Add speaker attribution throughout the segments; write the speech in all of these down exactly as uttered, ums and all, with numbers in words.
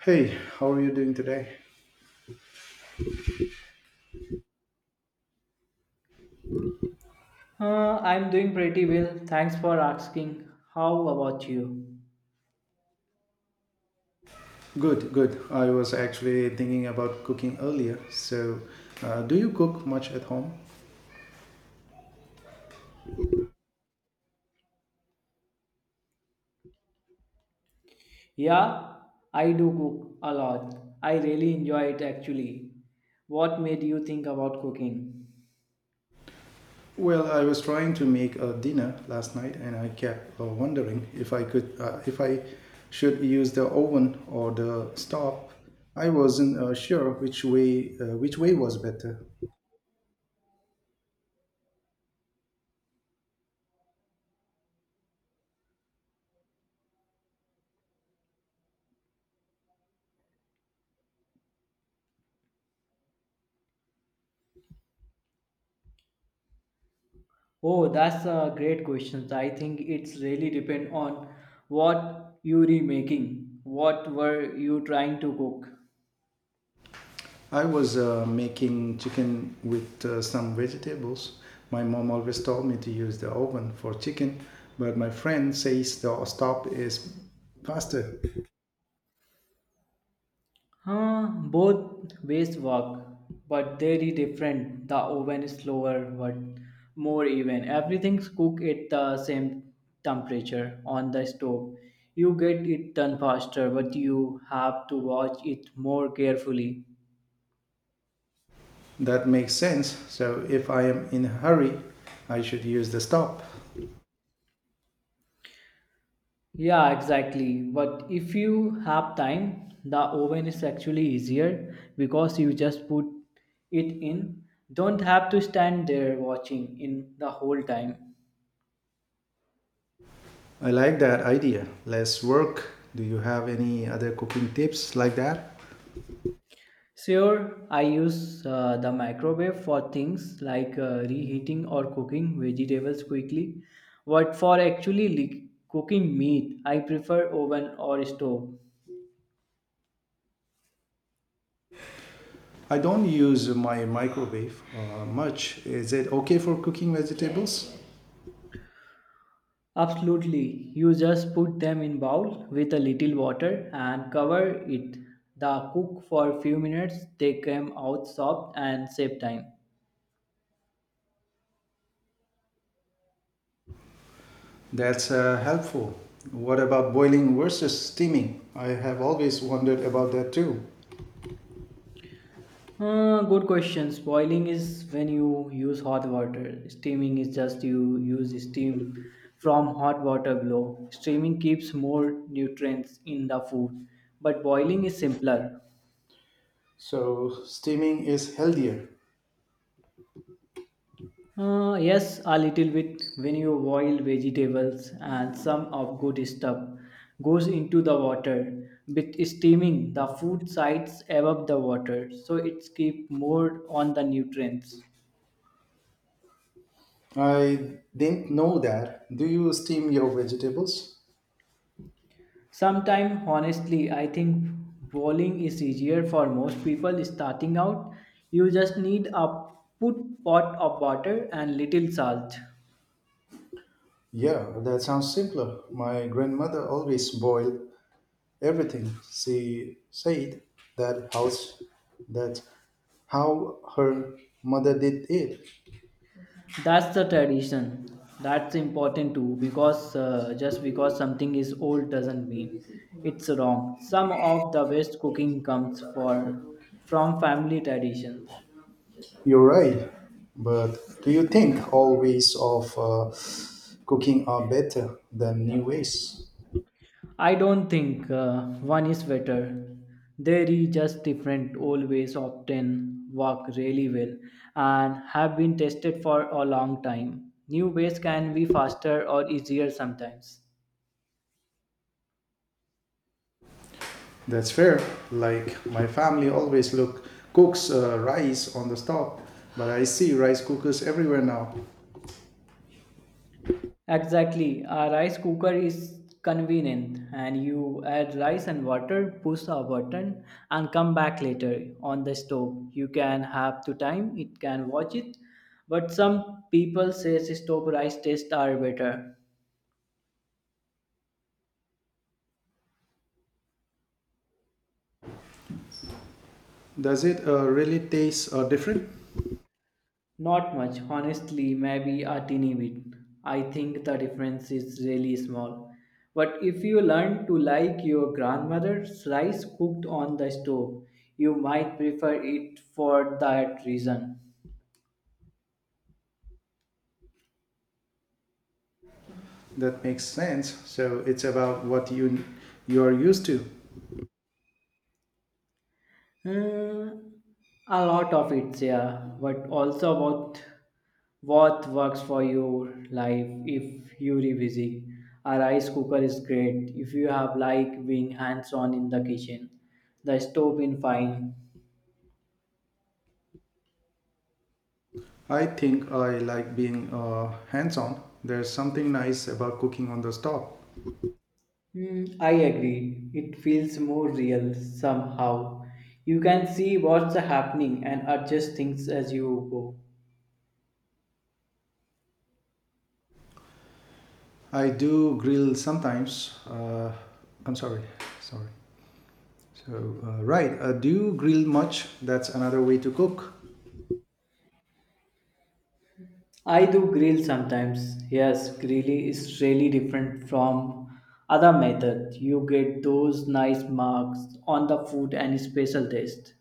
Speaker 1: Hey, how are you doing today?
Speaker 2: Uh, I'm doing pretty well. Thanks for asking. How about you?
Speaker 1: Good, good. I was actually thinking about cooking earlier. So, uh, do you cook much at home?
Speaker 2: Yeah, I do cook a lot. I really enjoy it actually. What made you think about cooking?
Speaker 1: Well, I was trying to make a dinner last night, and I kept uh, wondering if I could, uh, if I should use the oven or the stove. I wasn't uh, sure which way, uh, which way was better.
Speaker 2: Oh, that's a great question. I think it's really depend on what you are making. What were you trying to cook?
Speaker 1: I was uh, making chicken with uh, some vegetables. My mom always told me to use the oven for chicken, but my friend says the stove is faster.
Speaker 2: Huh, both ways work, but very different. The oven is slower, but more even. Everything's cooked at the same temperature on the stove. You get it done faster, but you have to watch it more carefully.
Speaker 1: That makes sense. So if I am in a hurry, I should use the stove.
Speaker 2: Yeah, exactly. But if you have time, the oven is actually easier because you just put it in. Don't have to stand there watching in the whole time.
Speaker 1: I like that idea. Less work. Do you have any other cooking tips like that?
Speaker 2: Sure, I use uh, the microwave for things like uh, reheating or cooking vegetables quickly. But for actually li- cooking meat, I prefer oven or stove.
Speaker 1: I don't use my microwave uh, much. Is it okay for cooking vegetables?
Speaker 2: Absolutely, you just put them in bowl with a little water and cover it. The cook for few minutes. They come out soft and save time.
Speaker 1: That's uh, helpful. What about boiling versus steaming? I have always wondered about that too.
Speaker 2: Uh, good question. Boiling is when you use hot water. Steaming is just you use steam from hot water below. Steaming keeps more nutrients in the food, but boiling is simpler.
Speaker 1: So, steaming is healthier.
Speaker 2: Uh, yes, a little bit when you boil vegetables and some of good stuff goes into the water. With steaming, the food sides above the water, so it keep more on the nutrients.
Speaker 1: I didn't know that. Do you steam your vegetables?
Speaker 2: Sometimes, honestly, I think bowling is easier for most people starting out. You just need a put pot of water and little salt.
Speaker 1: Yeah, that sounds simpler. My grandmother always boiled everything. She said that house that how her mother did it.
Speaker 2: That's the tradition. That's important too, because uh, just because something is old doesn't mean it's wrong. Some of the best cooking comes for from family traditions.
Speaker 1: You're right, but do you think old ways of uh, cooking are better than new ways?
Speaker 2: I don't think uh, one is better. There is just different. Old ways often work really well and have been tested for a long time. New ways can be faster or easier sometimes.
Speaker 1: That's fair. Like my family always look cooks uh, rice on the stove, but I see rice cookers everywhere now.
Speaker 2: Exactly. A rice cooker is convenient and you add rice and water, push a button and come back later on the stove. You can have to time, it can watch it. But some people say stove rice tastes are better.
Speaker 1: Does it uh, really taste uh, different?
Speaker 2: Not much, honestly, maybe a teeny bit. I think the difference is really small. But if you learn to like your grandmother's rice cooked on the stove, you might prefer it for that reason.
Speaker 1: That makes sense. So it's about what you you're used to.
Speaker 2: Hmm, a lot of it, yeah, but also about what works for your life if you are busy. A rice cooker is great if you have like being hands on in the kitchen. The stove in fine.
Speaker 1: I think I like being uh, hands-on. There's something nice about cooking on the stove.
Speaker 2: Hmm, I agree. It feels more real somehow. You can see what's happening and adjust things as you go.
Speaker 1: I do grill sometimes. Uh, I'm sorry, sorry. So uh, right, uh, Do you grill much? That's another way to cook.
Speaker 2: I do grill sometimes. Yes, grilling is really different from other method. You get those nice marks on the food and special taste.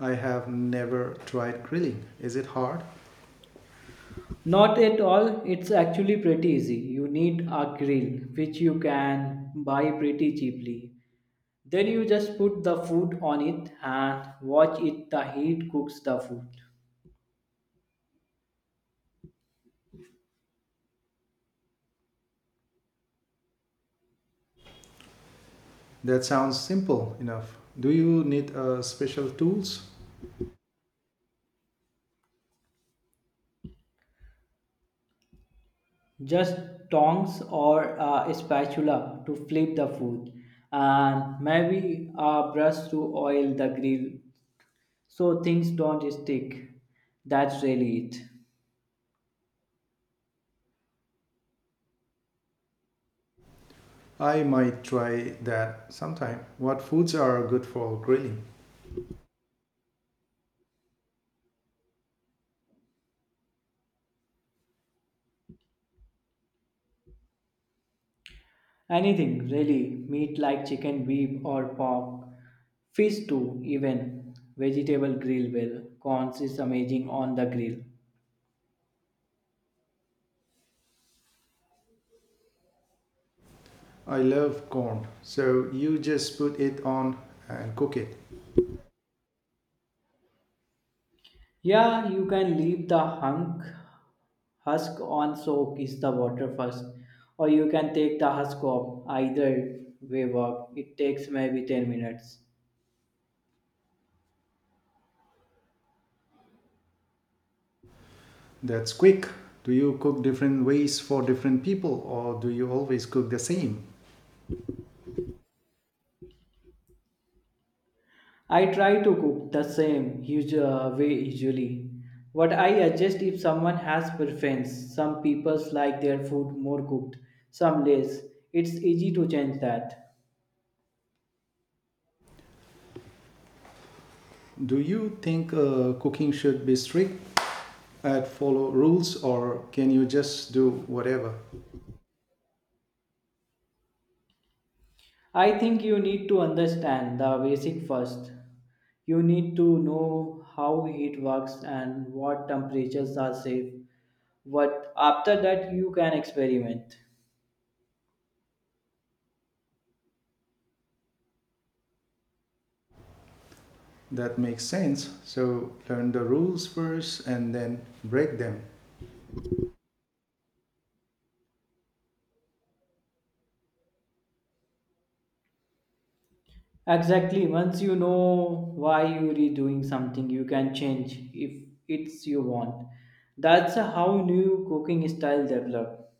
Speaker 1: I have never tried grilling. Is it hard?
Speaker 2: Not at all. It's actually pretty easy. You need a grill, which you can buy pretty cheaply. Then you just put the food on it and watch it the heat cooks the food.
Speaker 1: That sounds simple enough. Do you need uh, special tools?
Speaker 2: Just tongs or a spatula to flip the food and maybe a brush to oil the grill so things don't stick. That's really it.
Speaker 1: I might try that sometime. What foods are good for grilling?
Speaker 2: Anything really, meat like chicken, beef or pork, fish too even, vegetable grill well. Corns is amazing on the grill.
Speaker 1: I love corn. So you just put it on and cook it.
Speaker 2: Yeah, you can leave the hunk husk on soak is the water first, or you can take the husk off. Either way work. It takes maybe ten minutes.
Speaker 1: That's quick. Do you cook different ways for different people or do you always cook the same?
Speaker 2: I try to cook the same usu- uh, way usually. What I adjust if someone has preference. Some people like their food more cooked, some less. It's easy to change that.
Speaker 1: Do you think uh, cooking should be strict and follow rules or can you just do whatever?
Speaker 2: I think you need to understand the basic first. You need to know how heat works and what temperatures are safe. But after that, you can experiment.
Speaker 1: That makes sense. So learn the rules first and then break them.
Speaker 2: Exactly. Once you know why you redoing something, you can change if it's you want. That's how new cooking style develop.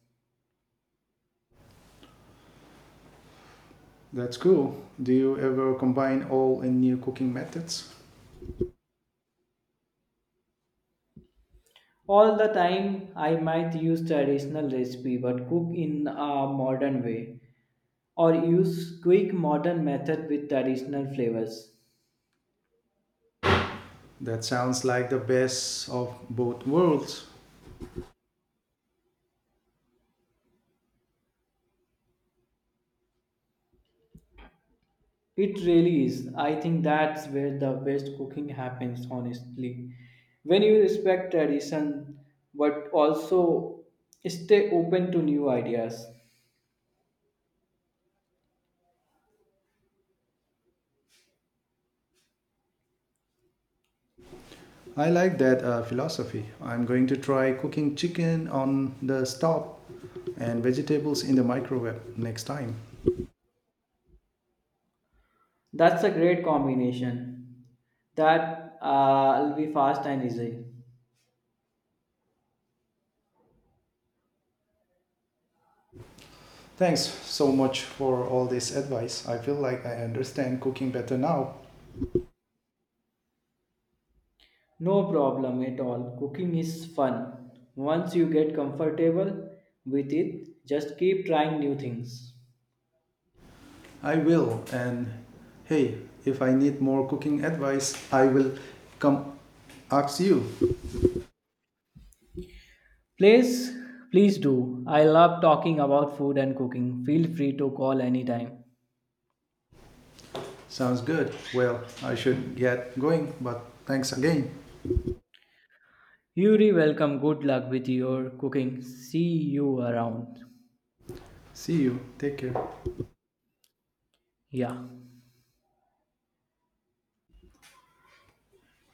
Speaker 1: That's cool. Do you ever combine old and new cooking methods?
Speaker 2: All the time, I might use traditional recipe but cook in a modern way, or use quick modern method with traditional flavors.
Speaker 1: That sounds like the best of both worlds.
Speaker 2: It really is. I think that's where the best cooking happens honestly. When you respect tradition but also stay open to new ideas.
Speaker 1: I like that uh, philosophy. I'm going to try cooking chicken on the stove and vegetables in the microwave next time.
Speaker 2: That's a great combination. That uh, will be fast and easy.
Speaker 1: Thanks so much for all this advice. I feel like I understand cooking better now.
Speaker 2: No problem at all. Cooking is fun. Once you get comfortable with it, just keep trying new things.
Speaker 1: I will. And hey, if I need more cooking advice, I will come ask you.
Speaker 2: Please, please do. I love talking about food and cooking. Feel free to call anytime.
Speaker 1: Sounds good. Well, I should get going, but thanks again.
Speaker 2: Yuri, welcome. Good luck with your cooking. See you around.
Speaker 1: See you. Take care.
Speaker 2: Yeah.